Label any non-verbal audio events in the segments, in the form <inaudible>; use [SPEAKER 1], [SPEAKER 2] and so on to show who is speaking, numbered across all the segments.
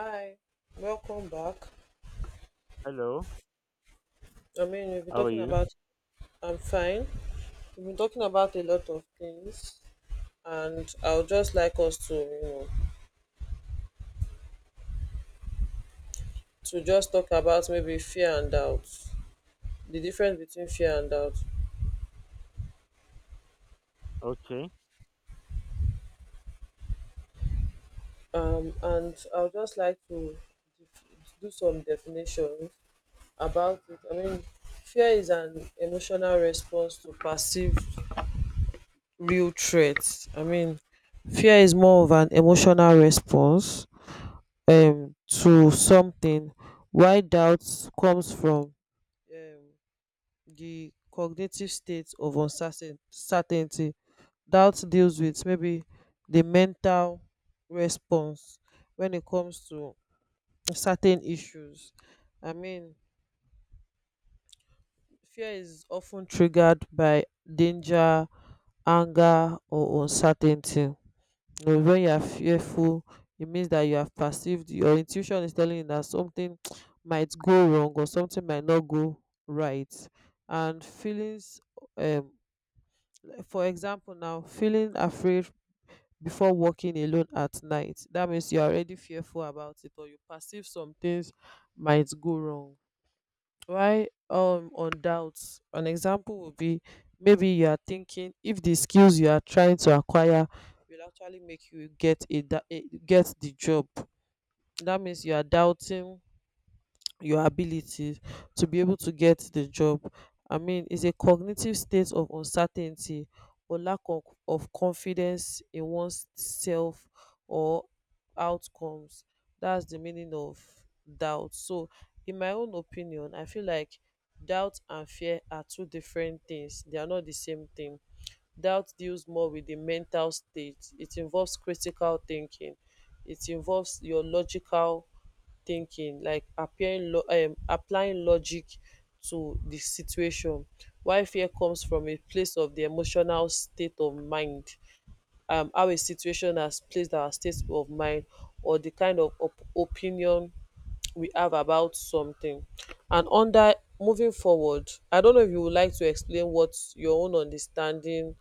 [SPEAKER 1] Hi, welcome back.
[SPEAKER 2] Hello,
[SPEAKER 1] We've been
[SPEAKER 2] how are
[SPEAKER 1] talking
[SPEAKER 2] you?
[SPEAKER 1] about, I'm fine. We've been talking about a lot of things, and I would just like us to, to just talk about maybe fear and doubt, the difference between fear and doubt.
[SPEAKER 2] Okay,
[SPEAKER 1] And I would just like to do some definition about it. Fear is an emotional response to perceived real threats. Fear is more of an emotional response to something, while doubt comes from um di cognitive state of uncertainty. Doubt deals with maybe the mental response when it comes to certain issues. I mean, fear is often triggered by danger, anger, or uncertainty. When you are fearful, it means that you have perceived, your intuition is telling you that something <tsk> might go wrong or something might not go right. And feelings, um for example, now, feeling afraid before walking alone at night, that means you are already fearful about it or you perceive some things might go wrong. Why on doubts? An example would be maybe you are thinking if the skills you are trying to acquire will actually make you get a da- a- get the job. That means you are doubting your abilities to be able to get the job. I mean, it's a cognitive state of uncertainty or of confidence in one's self or outcomes. That's the meaning of doubt. So, in my own opinion, I feel like doubt and fear are two different things, they are not the same thing. Doubt deals more with the mental state, it involves critical thinking, it involves your logical thinking, like applying logic to the situation. Why fear comes from a place of the emotional state of mind, how a situation has placed our state of mind or the kind of opinion we have about something. And under, moving forward, I don't know if you would like to explain what your own understanding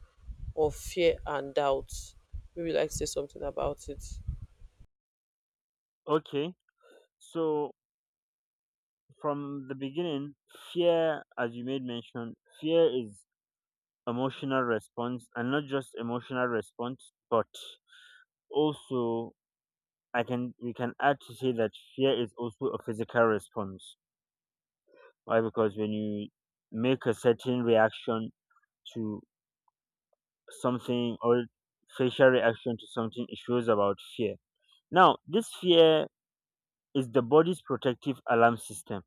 [SPEAKER 1] of fear and doubt, maybe you like to say something about it.
[SPEAKER 2] okay. So, from the beginning, fear, as you made mention, fear is emotional response, and not just emotional response, but also I can we can add to say that fear is also a physical response. Why? Because when you make a certain reaction to something or facial reaction to something, it shows about fear. Now, this fear is the body's protective alarm system,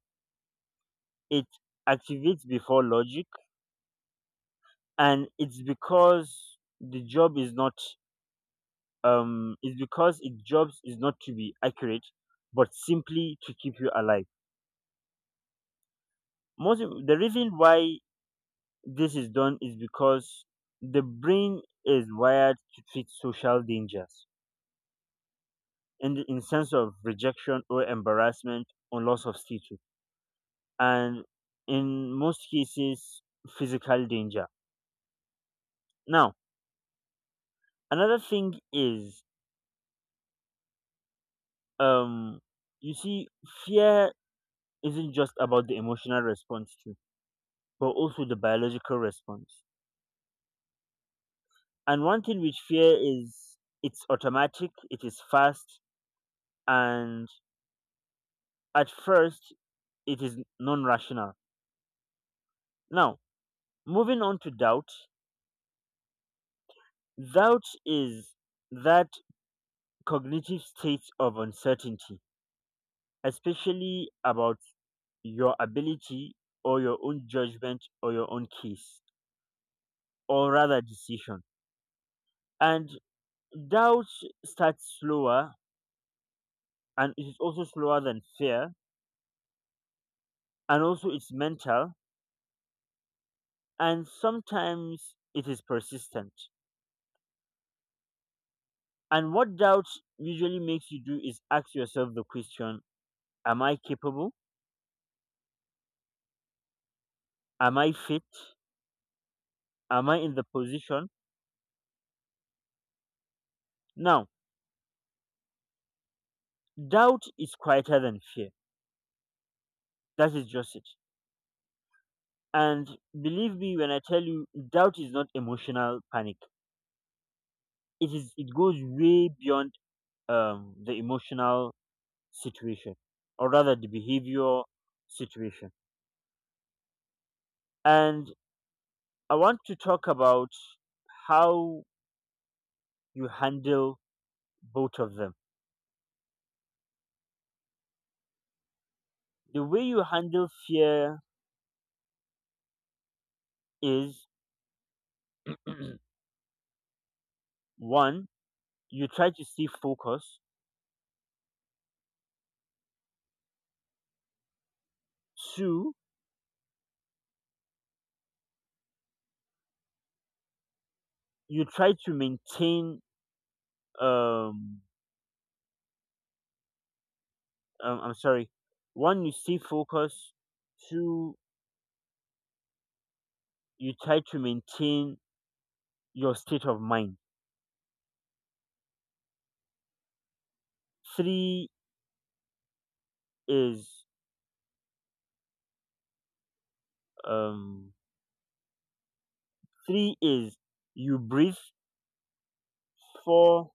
[SPEAKER 2] it activates before logic, and it's because the job is not it's because it jobs is not to be accurate, but simply to keep you alive. The reason why this is done is because the brain is wired to treat social dangers in the in sense of rejection or embarrassment or loss of status, and in most cases physical danger. Now, another thing is, um you see, fear isn't just about the emotional response too, but also the biological response. And one thing with fear is it's automatic, it is fast, and at first it is non-rational. Now, moving on to doubt, doubt is that cognitive state of uncertainty, especially about your ability or your own judgment or your own case, or rather decision. And doubt starts slower, and it is also slower than fear, and also it's mental, and sometimes it is persistent. And what doubt usually makes you do is ask yourself the question: am I capable, am I fit, am I in the position? Now, doubt is quieter than fear, that is just it. And believe me when I tell you, doubt is not emotional panic. It goes way beyond the emotional situation, or rather the behavior situation. And I want to talk about how you handle both of them. The way you handle fear is <clears throat> one, you try to stay focused. Two, you try to maintain. Um, I'm sorry. One, you stay focused. Two, you try to maintain your state of mind. Three is um three is you breathe. Four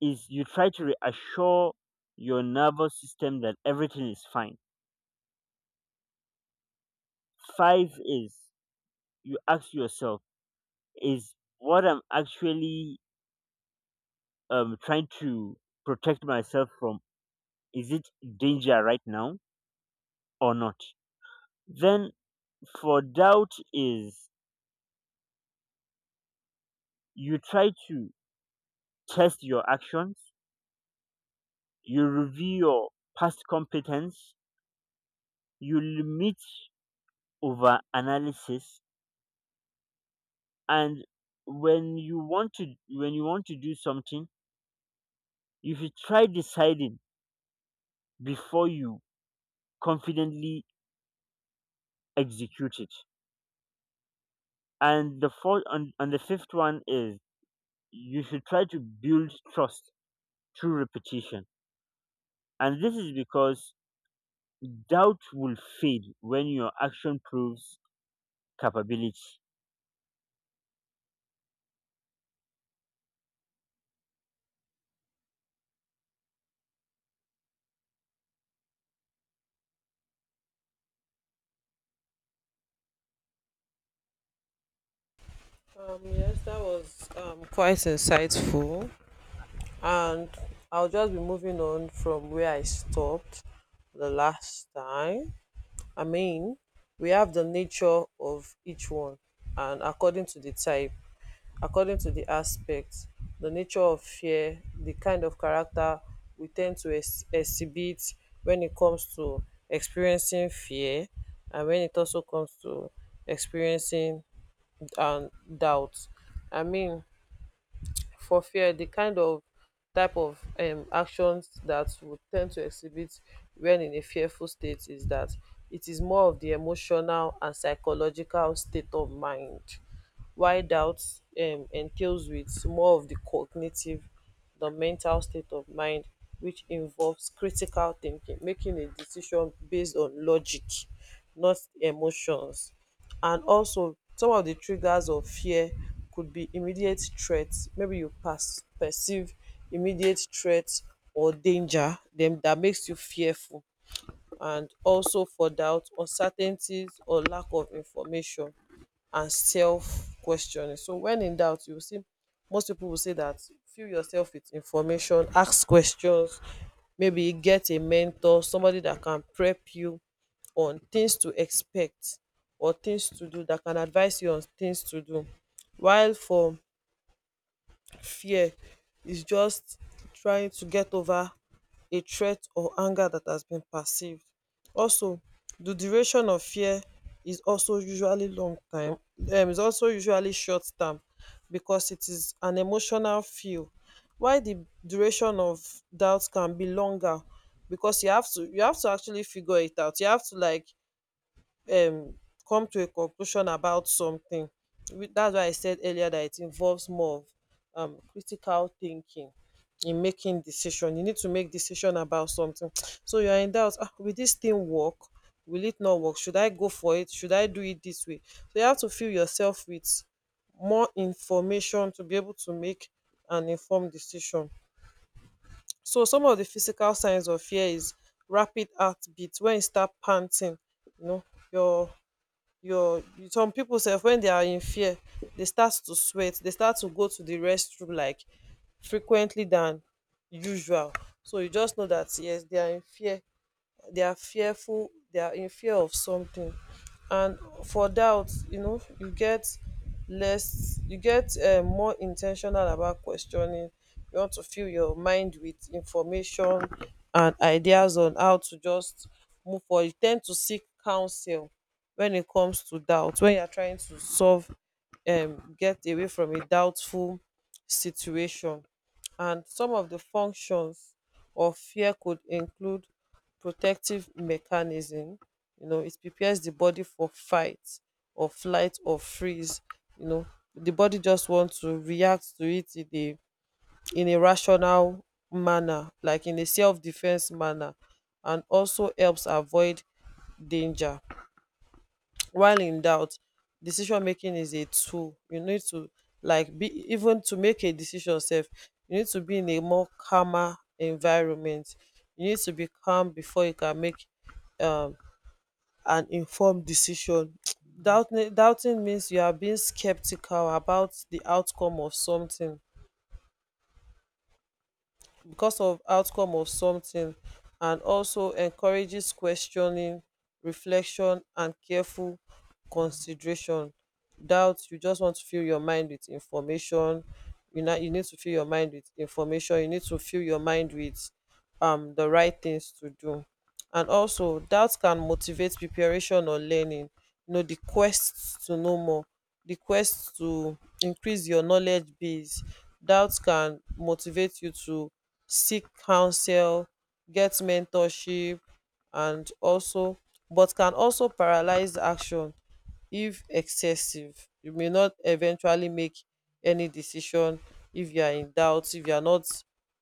[SPEAKER 2] is you try to reassure your nervous system that everything is fine. Five is you ask yourself, is what I'm actually trying to protect myself from, is it danger right now or not? Then for doubt is you try to test your actions, you review your past competence, you limit over analysis, and when you want to do something, you should try deciding before you confidently execute it. And and the fifth one is you should try to build trust through repetition. And this is because doubt will fade when your action proves capability.
[SPEAKER 1] Yes, that was quite insightful, and I'll just be moving on from where I stopped the last time. I mean, we have the nature of each one, and according to the type, according to the aspect, the nature of fear, the kind of character we tend to exhibit when it comes to experiencing fear, and when it also comes to experiencing um, doubt. I mean, for fear, the kind of type of actions that would tend to exhibit when in a fearful state, is that it is more of the emotional and psychological state of mind. Why doubt entails with more of the cognitive, the mental state of mind, which involves critical thinking, making a decision based on logic, not emotions. And also, some of the triggers of fear could be immediate threats, maybe you pass perceive immediate threats or danger dem that makes you fearful. And also for doubt, uncertainties or lack of information and self questioning. So when in doubt, you will see most people will say that fill yourself with information, ask questions, maybe get a mentor, somebody that can prep you on things to expect or things to do, that can advise you on things to do. While for fear, is just trying to get over a threat or anger that has been perceived. Also, the duration of fear is also usually long time, is also usually short term, because it is an emotional feel. While the duration of doubt can be longer, because you have to actually figure it out, you have to, like, um come to a conclusion about something. That's why I said earlier that it involves more of critical thinking in making decision. You need to make decision about something. <tsk> So you're in doubt, ah, will this thing work, will it not work, should I go for it, should I do it this way? So you have to fill yourself with more information to be able to make an informed decision. So some of the physical signs of fear is rapid heartbeat, when you start panting, you know, your your some people say when they are in fear, they start to sweat, they start to go to the restroom, like, frequently than usual. So you just know that, yes, they are in fear, they are fearful, they are in fear of something. And for doubt, you know, you get less, you get more intentional about questioning, you want to fill your mind with information and ideas on how to just move forward. You tend to seek counsel when it comes to doubt, when you're trying to solve, get away from a doubtful situation. And some of the functions of fear could include protective mechanism, you know, it prepares the body for fight or flight or freeze, you know, the body just wants to react to it in a, in a rational manner, like in a self-defense manner. And also helps avoid danger. While in doubt, decision making is a tool, you need to, like, be, even to make a decision Self, you need to be in a more calmer environment, you need to be calm before you can make um an informed decision. <tsk> Doubting means you are being skeptical about the outcome of something, because of outcome of something. And also encourages questioning, reflection, and careful consideration. Doubt, you just want to fill your mind with information, you know, you need to fill your mind with information, you need to fill your mind with the right things to do. And also doubt can motivate preparation or learning, you know, the quest to know more, the quest to increase your knowledge base. Doubt can motivate you to seek counsel, get mentorship. And also, but can also paralyze action if excessive, you may not eventually make any decision, if you are in doubt, if you are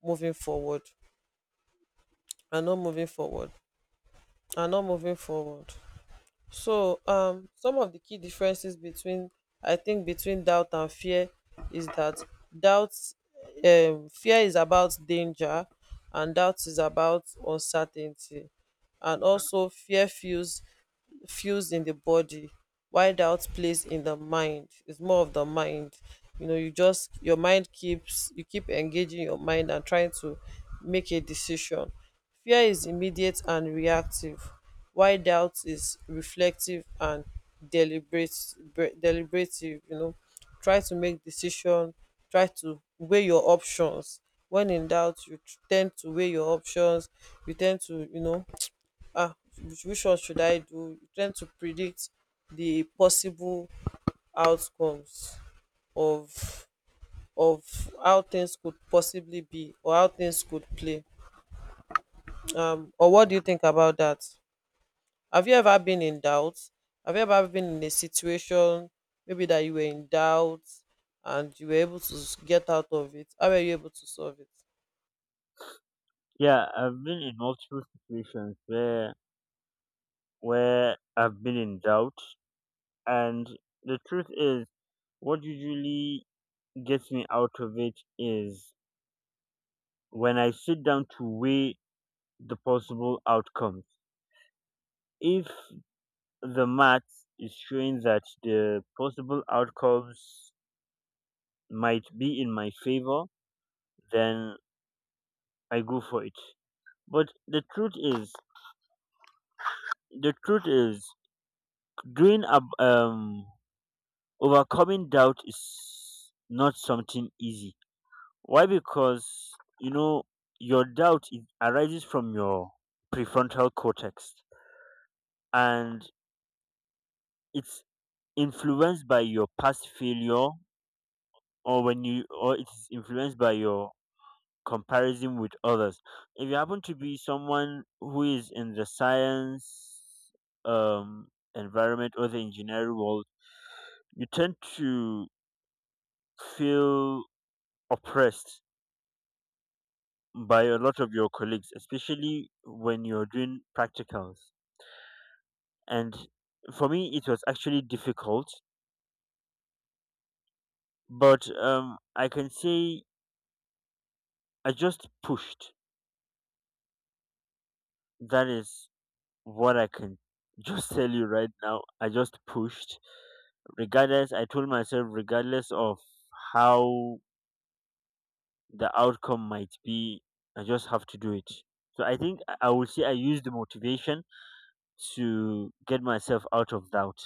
[SPEAKER 1] moving forward not moving forward and not moving forward. So, some of the key differences between, I think, between doubt and fear is that doubt, fear is about danger, and doubt is about uncertainty. And also fear feels, fuels in the body, while doubt plays in the mind, it's more of the mind. You know, you just, your mind keeps, you keep engaging your mind and trying to make a decision. Fear is immediate and reactive, while doubt is reflective and deliberate, deliberative, you know, try to make decision, try to weigh your options. When in doubt, you tend to weigh your options, you tend to, you know, ah, which one should I do? You tend to predict the possible outcomes of of how things could possibly be or how things could play. Or what do you think about that? Have you ever been in doubt? Have you ever been in a situation maybe that you were in doubt and you were able to get out of it? How were you able to solve it?
[SPEAKER 2] Yeah, I've been in multiple situations where I've been in doubt. And the truth is, what usually gets me out of it is when I sit down to weigh the possible outcomes. If the math is showing that the possible outcomes might be in my favor, then I go for it. But the truth is, doing ab- um overcoming doubt is not something easy. Why? Because you know your doubt arises from your prefrontal cortex, and it's influenced by your past failure or when you or it's influenced by your comparison with others. If you happen to be someone who is in the science um environment or the engineering world, you tend to feel oppressed by a lot of your colleagues, especially when you're doing practicals. And for me it was actually difficult, but I can say I just pushed. That is what I can <laughs> just tell you right now. I just pushed. Regardless, I told myself, regardless of how the outcome might be, I just have to do it. So I think I would say I used the motivation to get myself out of doubt.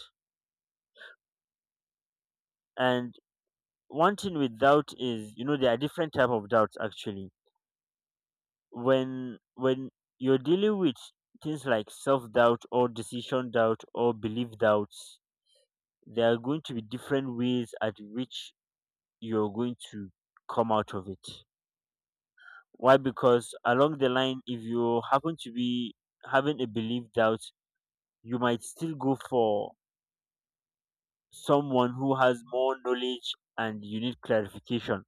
[SPEAKER 2] And one thing with doubt is, you know, there are different type of doubts actually. When you're dealing with things like self doubt or decision doubt or belief doubts, there are going to be different ways at which you're going to come out of it. Why? Because along the line, if you happen to be having a belief doubt, you might still go for someone who has more knowledge and you need clarification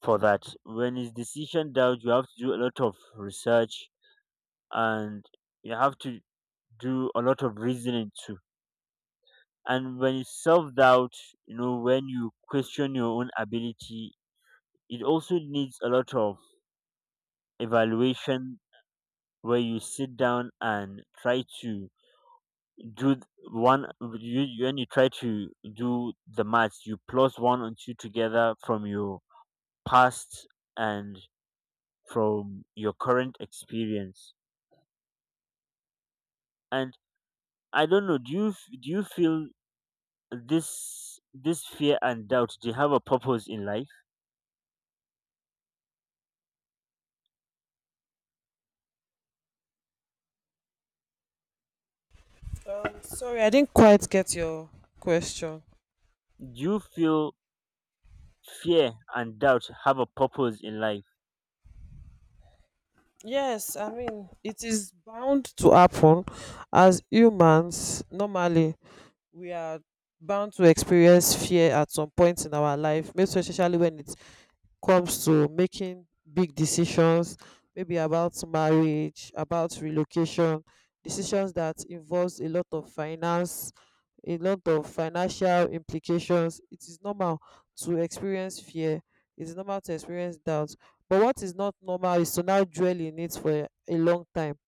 [SPEAKER 2] for that. When it's decision doubt, you have to do a lot of research, and you have to do a lot of reasoning too. And when it's self doubt, you know, when you question your own ability, it also needs a lot of evaluation, where you sit down and try to do th- when you try to do the maths, you plus one and two together from your past and from your current experience. And I don't know, do do you feel this fear and doubt, do you have a purpose in life?
[SPEAKER 1] Sorry, I didn't quite get your question.
[SPEAKER 2] Do you feel fear and doubt have a purpose in life?
[SPEAKER 1] Yes, I mean, it is bound to happen as humans. Normally, we are bound to experience fear at some point in our life, most especially when it comes to making big decisions, maybe about marriage, about relocation, decisions that involves a lot of finance, a lot of financial implications. It is normal to experience fear, it is normal to experience doubt. But what is not normal is to now dwell in it for a long time,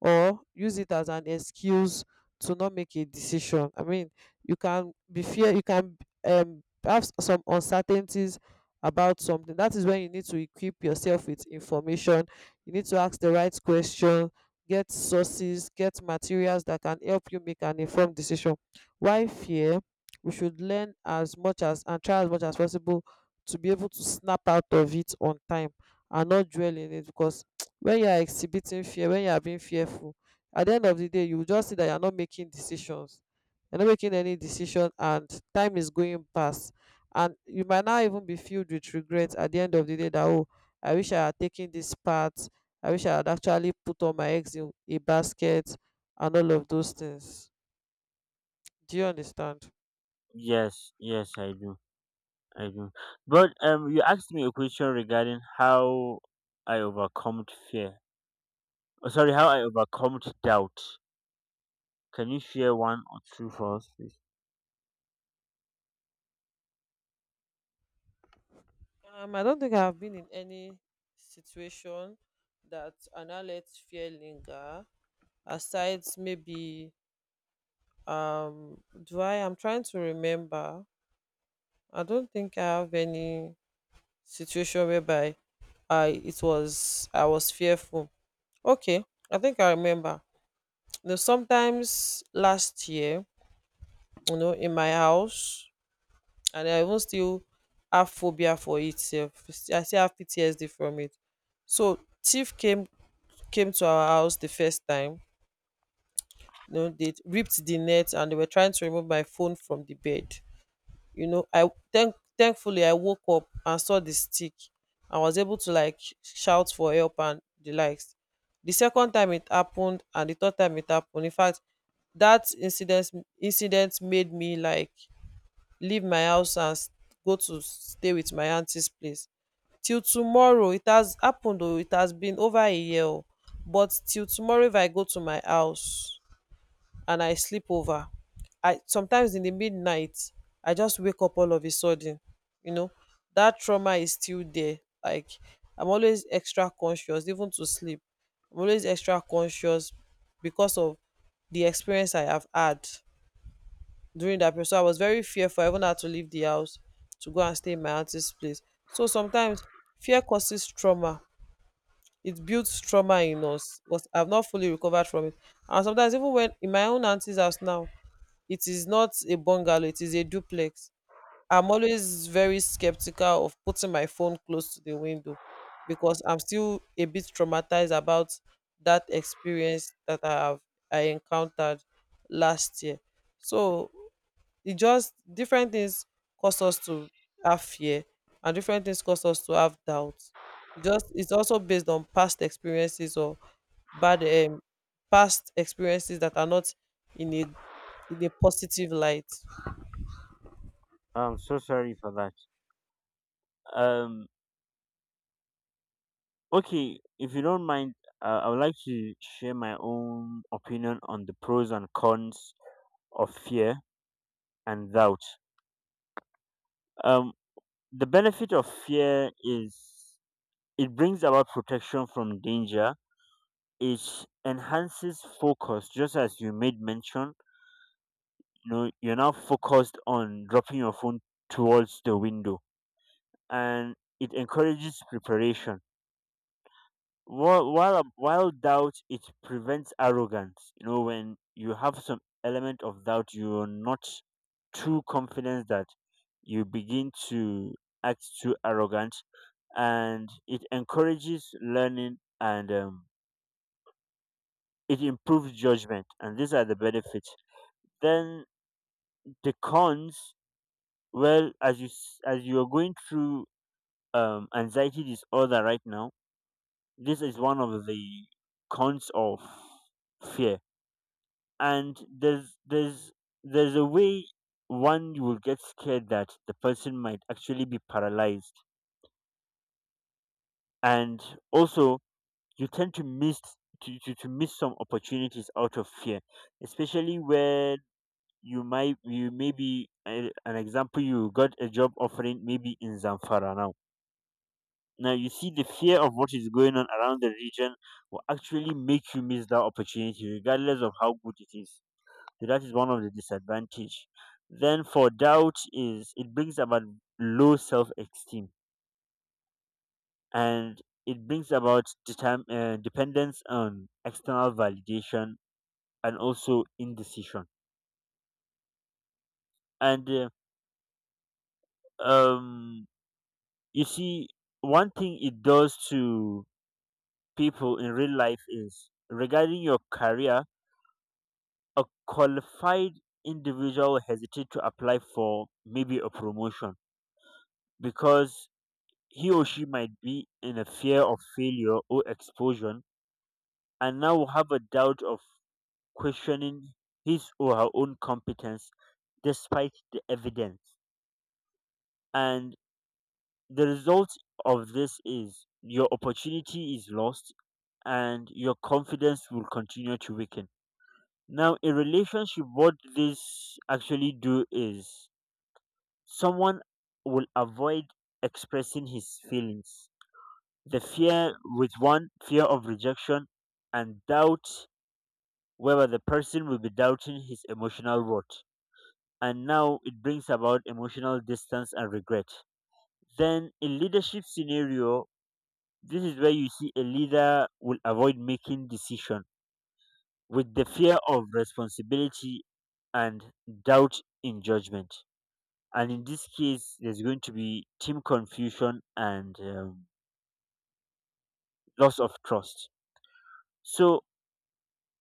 [SPEAKER 1] or use it as an excuse to not make a decision. I mean, you can be fear, you can have some uncertainties about something. That is when you need to equip yourself with information, you need to ask the right question, get sources, get materials that can help you make an informed decision. Why fear, we should learn as much as and try as much as possible to be able to snap out of it on time and not dwell in it. Because when you are exhibiting fear, when you are being fearful, at the end of the day, you will just see that you are not making decisions, you're not making any decision, and time is going past. And you might not even be filled with regret at the end of the day, that, oh, I wish I had taken this path, I wish I had actually put all my eggs in a basket, and all of those things. Do you understand?
[SPEAKER 2] Yes, yes, I do. I do. But you asked me a question regarding how I overcome fear. Oh, sorry, how I overcome doubt. Can you share one or two for us, please?
[SPEAKER 1] I don't think I have been in any situation that I now let fear linger, aside maybe, um, do I? I'm trying to remember. I don't think I have any situation whereby I, it was, I was fearful. Okay, I think I remember. You know, sometimes last year, you know, in my house, and I even still have phobia for it. Sef. I still have PTSD from it. So thief came to our house the first time. They ripped the net and they were trying to remove my phone from the bed. You know I thank thankfully I woke up and saw the stick, and was able to like shout for help and the likes. The second time it happened, and the third time it happened. In fact, that incident made me like leave my house and go to stay with my auntie's place. Till tomorrow it has happened, oh, it has been over a year, oh. But till tomorrow, if I go to my house and I sleep over, I sometimes in the midnight I just wake up all of a sudden, you know. That trauma is still there. Like, I'm always extra conscious, even to sleep. I'm always extra conscious because of the experience I have had during that period. So I was very fearful. I even had to leave the house to go and stay in my auntie's place. So sometimes fear causes trauma. It builds trauma in us. But I've not fully recovered from it. And sometimes, even when in my own auntie's house now, it is not a bungalow, it is a duplex. I'm always very skeptical of putting my phone close to the window because I'm still a bit traumatized about that experience that I encountered last year. So it just different things cause us to have fear, and different things cause us to have doubts. It's also based on past experiences, or bad past experiences that are not in a positive light.
[SPEAKER 2] I'm so sorry for that. Um, okay, if you don't mind, I would like to share my own opinion on the pros and cons of fear and doubt. Um, the benefit of fear is it brings about protection from danger. It enhances focus. Just as you made mention, you know, you're now focused on dropping your phone towards the window. And it encourages preparation. While doubt, it prevents arrogance. You know, when you have some element of doubt, you're not too confident that you begin to act too arrogant. And it encourages learning and, it improves judgment. And these are the benefits. Then the cons, well, as as you're going through anxiety disorder right now, this is one of the cons of fear. And there's a way one you will get scared that the person might actually be paralyzed. And also you tend to miss some opportunities out of fear, especially where you might, you maybe, an example, you got a job offering maybe in Zamfara now. Now you see the fear of what is going on around the region will actually make you miss that opportunity, regardless of how good it is. So that is one of the disadvantage. Then for doubt is it brings about low self-esteem, and it brings about dependence on external validation, and also indecision. And um, you see, one thing it does to people in real life is regarding your career. A qualified individual will hesitate to apply for maybe a promotion, because he or she might be in a fear of failure or expulsion, and now will have a doubt of questioning his or her own competence despite the evidence. And the result of this is your opportunity is lost, and your confidence will continue to weaken. Now, in relationship, what this actually do is someone will avoid expressing his feelings. The fear with one, fear of rejection, and doubt, whether the person will be doubting his emotional worth. And now it brings about emotional distance and regret. Then in leadership scenario, this is where you see a leader will avoid making decision, with the fear of responsibility and doubt in judgment. And in this case, there's going to be team confusion and, loss of trust. So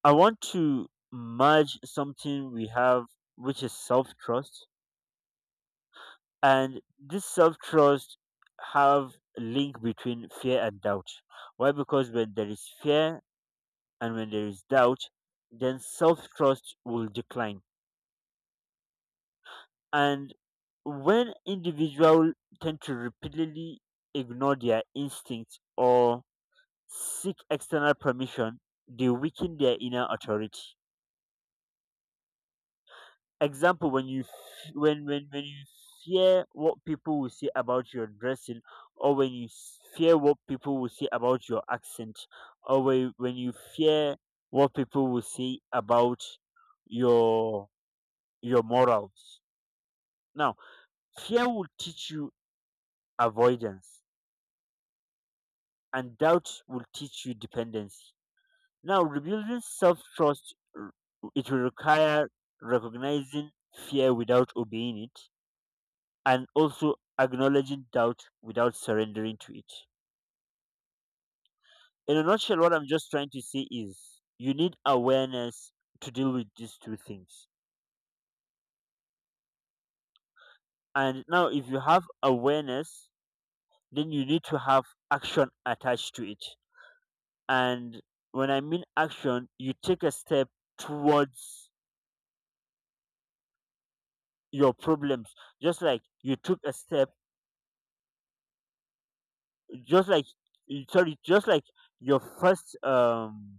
[SPEAKER 2] I want to merge something we have, which is self trust. And this self trust have a link between fear and doubt. Why? Because when there is fear and when there is doubt, then self trust will decline. And when individuals tend to repeatedly ignore their instincts or seek external permission, they weaken their inner authority. Example, when you fear what people will say about your dressing, or fear what people will say about your accent, or when you fear what people will say about your your morals. Now, fear will teach you avoidance, and doubt will teach you dependency. Now, rebuilding self trust, it will require recognizing fear without obeying it, and also acknowledging doubt without surrendering to it. In a nutshell, what I'm just trying to say is you need awareness to deal with these two things. And now, if you have awareness, then you need to have action attached to it. And when I mean action, you take a step towards your problems. just like you took a step just like just like your first um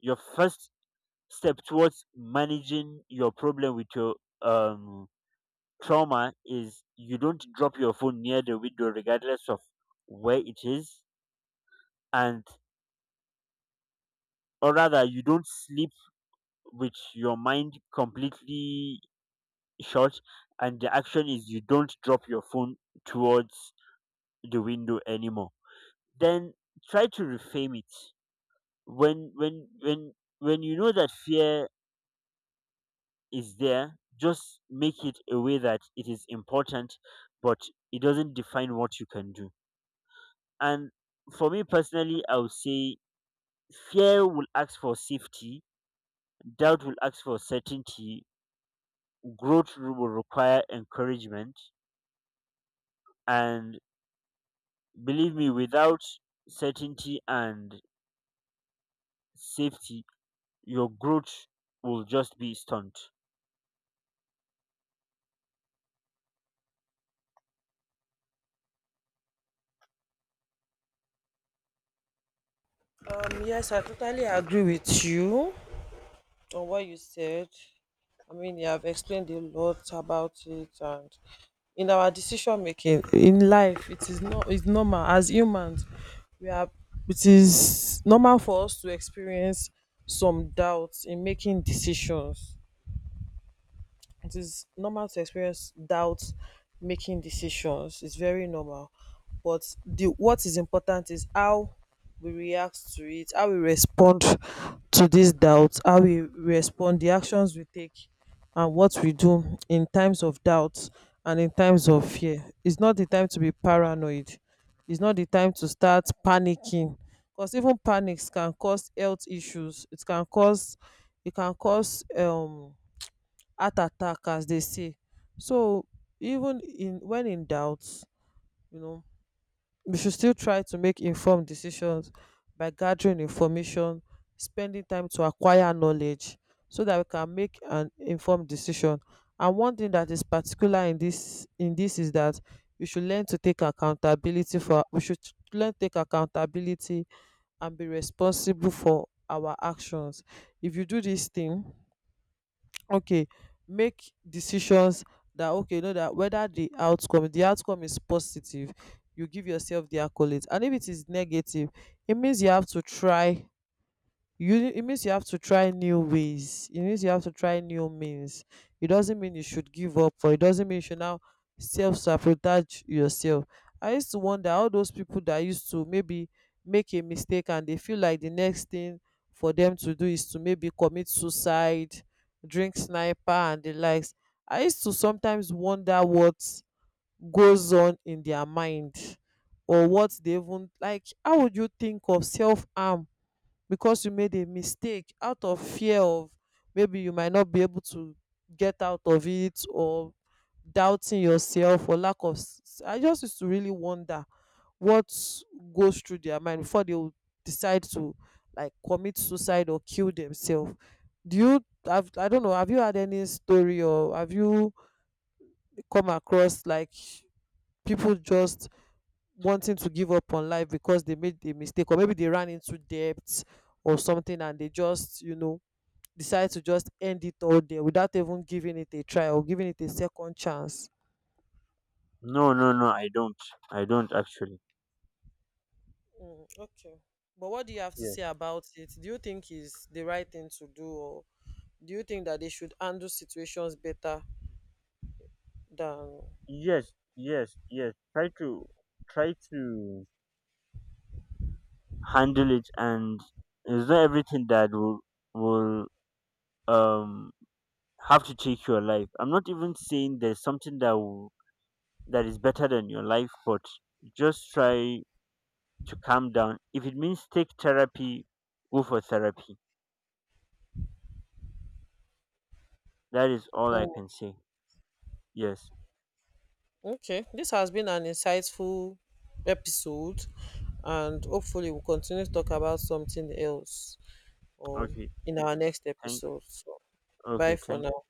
[SPEAKER 2] your first step towards managing your problem with your um trauma is, you don't drop your phone near the window regardless of where it is, and or rather you don't sleep with your mind completely shut. And the action is you don't drop your phone towards the window anymore. Then try to reframe it. When when when when you know that fear is there, just make it a way that it is important, but it doesn't define what you can do. And for me personally, I would say fear will ask for safety, doubt will ask for certainty, will require encouragement. And believe me, without certainty and safety, your growth will just be stunned.
[SPEAKER 1] Yes, I totally agree with you on what you said. I mean, you have explained a lot about it, and in our decision making in life, it is not, it's normal as humans. We are It is normal for us to experience some doubts in making decisions. It is normal to experience doubt making decisions. It's very normal. But the what is important is how we react to it, how we respond to this doubt, how we respond, the actions we take, and what we do in times of doubt and in times of fear. It's not the time to be paranoid. It's not the time to start panicking. Because even panics can cause health issues. It can cause heart attack, as they say. So even in when in doubt you know we should still try to make informed decisions by gathering information, spending time to acquire knowledge, so that we can make an informed decision. And one thing that is particular in this is that we should learn to take accountability for, we should learn to take accountability and be responsible for our actions. If you do this thing, okay, make decisions, that okay, know that whether the outcome, is positive, you give yourself the accolades. And if it is negative, it means you have to try you It means you have to try new ways, it means you have to try new means. It doesn't mean you should give up, or it doesn't mean you should now self-sabotage yourself. I used to wonder how those people that used to maybe make a mistake and they feel like the next thing for them to do is to maybe commit suicide, drink sniper and the likes. I used to sometimes wonder what goes on in their mind, or what they even, like, how would you think of self-harm because you made a mistake out of fear of, maybe you might not be able to get out of it, or doubting yourself or lack of I just used to really wonder what goes through their mind before they would decide to like commit suicide or kill themselves. Do you have I don't know, have you had any story, or have you come across like people just wanting to give up on life because they made a mistake, or maybe they ran into debt or something, and they just decide to just end it all there without even giving it a try or giving it a second chance?
[SPEAKER 2] No, no, no, I don't. I don't actually
[SPEAKER 1] Mm, okay. But what do you have to
[SPEAKER 2] Yeah.
[SPEAKER 1] say about it? Do you think is the right thing to do, or do you think that they should handle situations better than.
[SPEAKER 2] Yes, yes, yes, try to try to handle it. And it's not everything that will will um have to take your life. I'm not even saying there's something that is better than your life, but just try to calm down. If it means take therapy, go for therapy. That is all I
[SPEAKER 1] Mm,
[SPEAKER 2] can say. Yes.
[SPEAKER 1] okay, this has been an insightful episode, and hopefully we'll continue to talk about something else, or
[SPEAKER 2] okay
[SPEAKER 1] in our next
[SPEAKER 2] thank
[SPEAKER 1] episode. So,
[SPEAKER 2] okay,
[SPEAKER 1] bye for
[SPEAKER 2] thank.
[SPEAKER 1] now.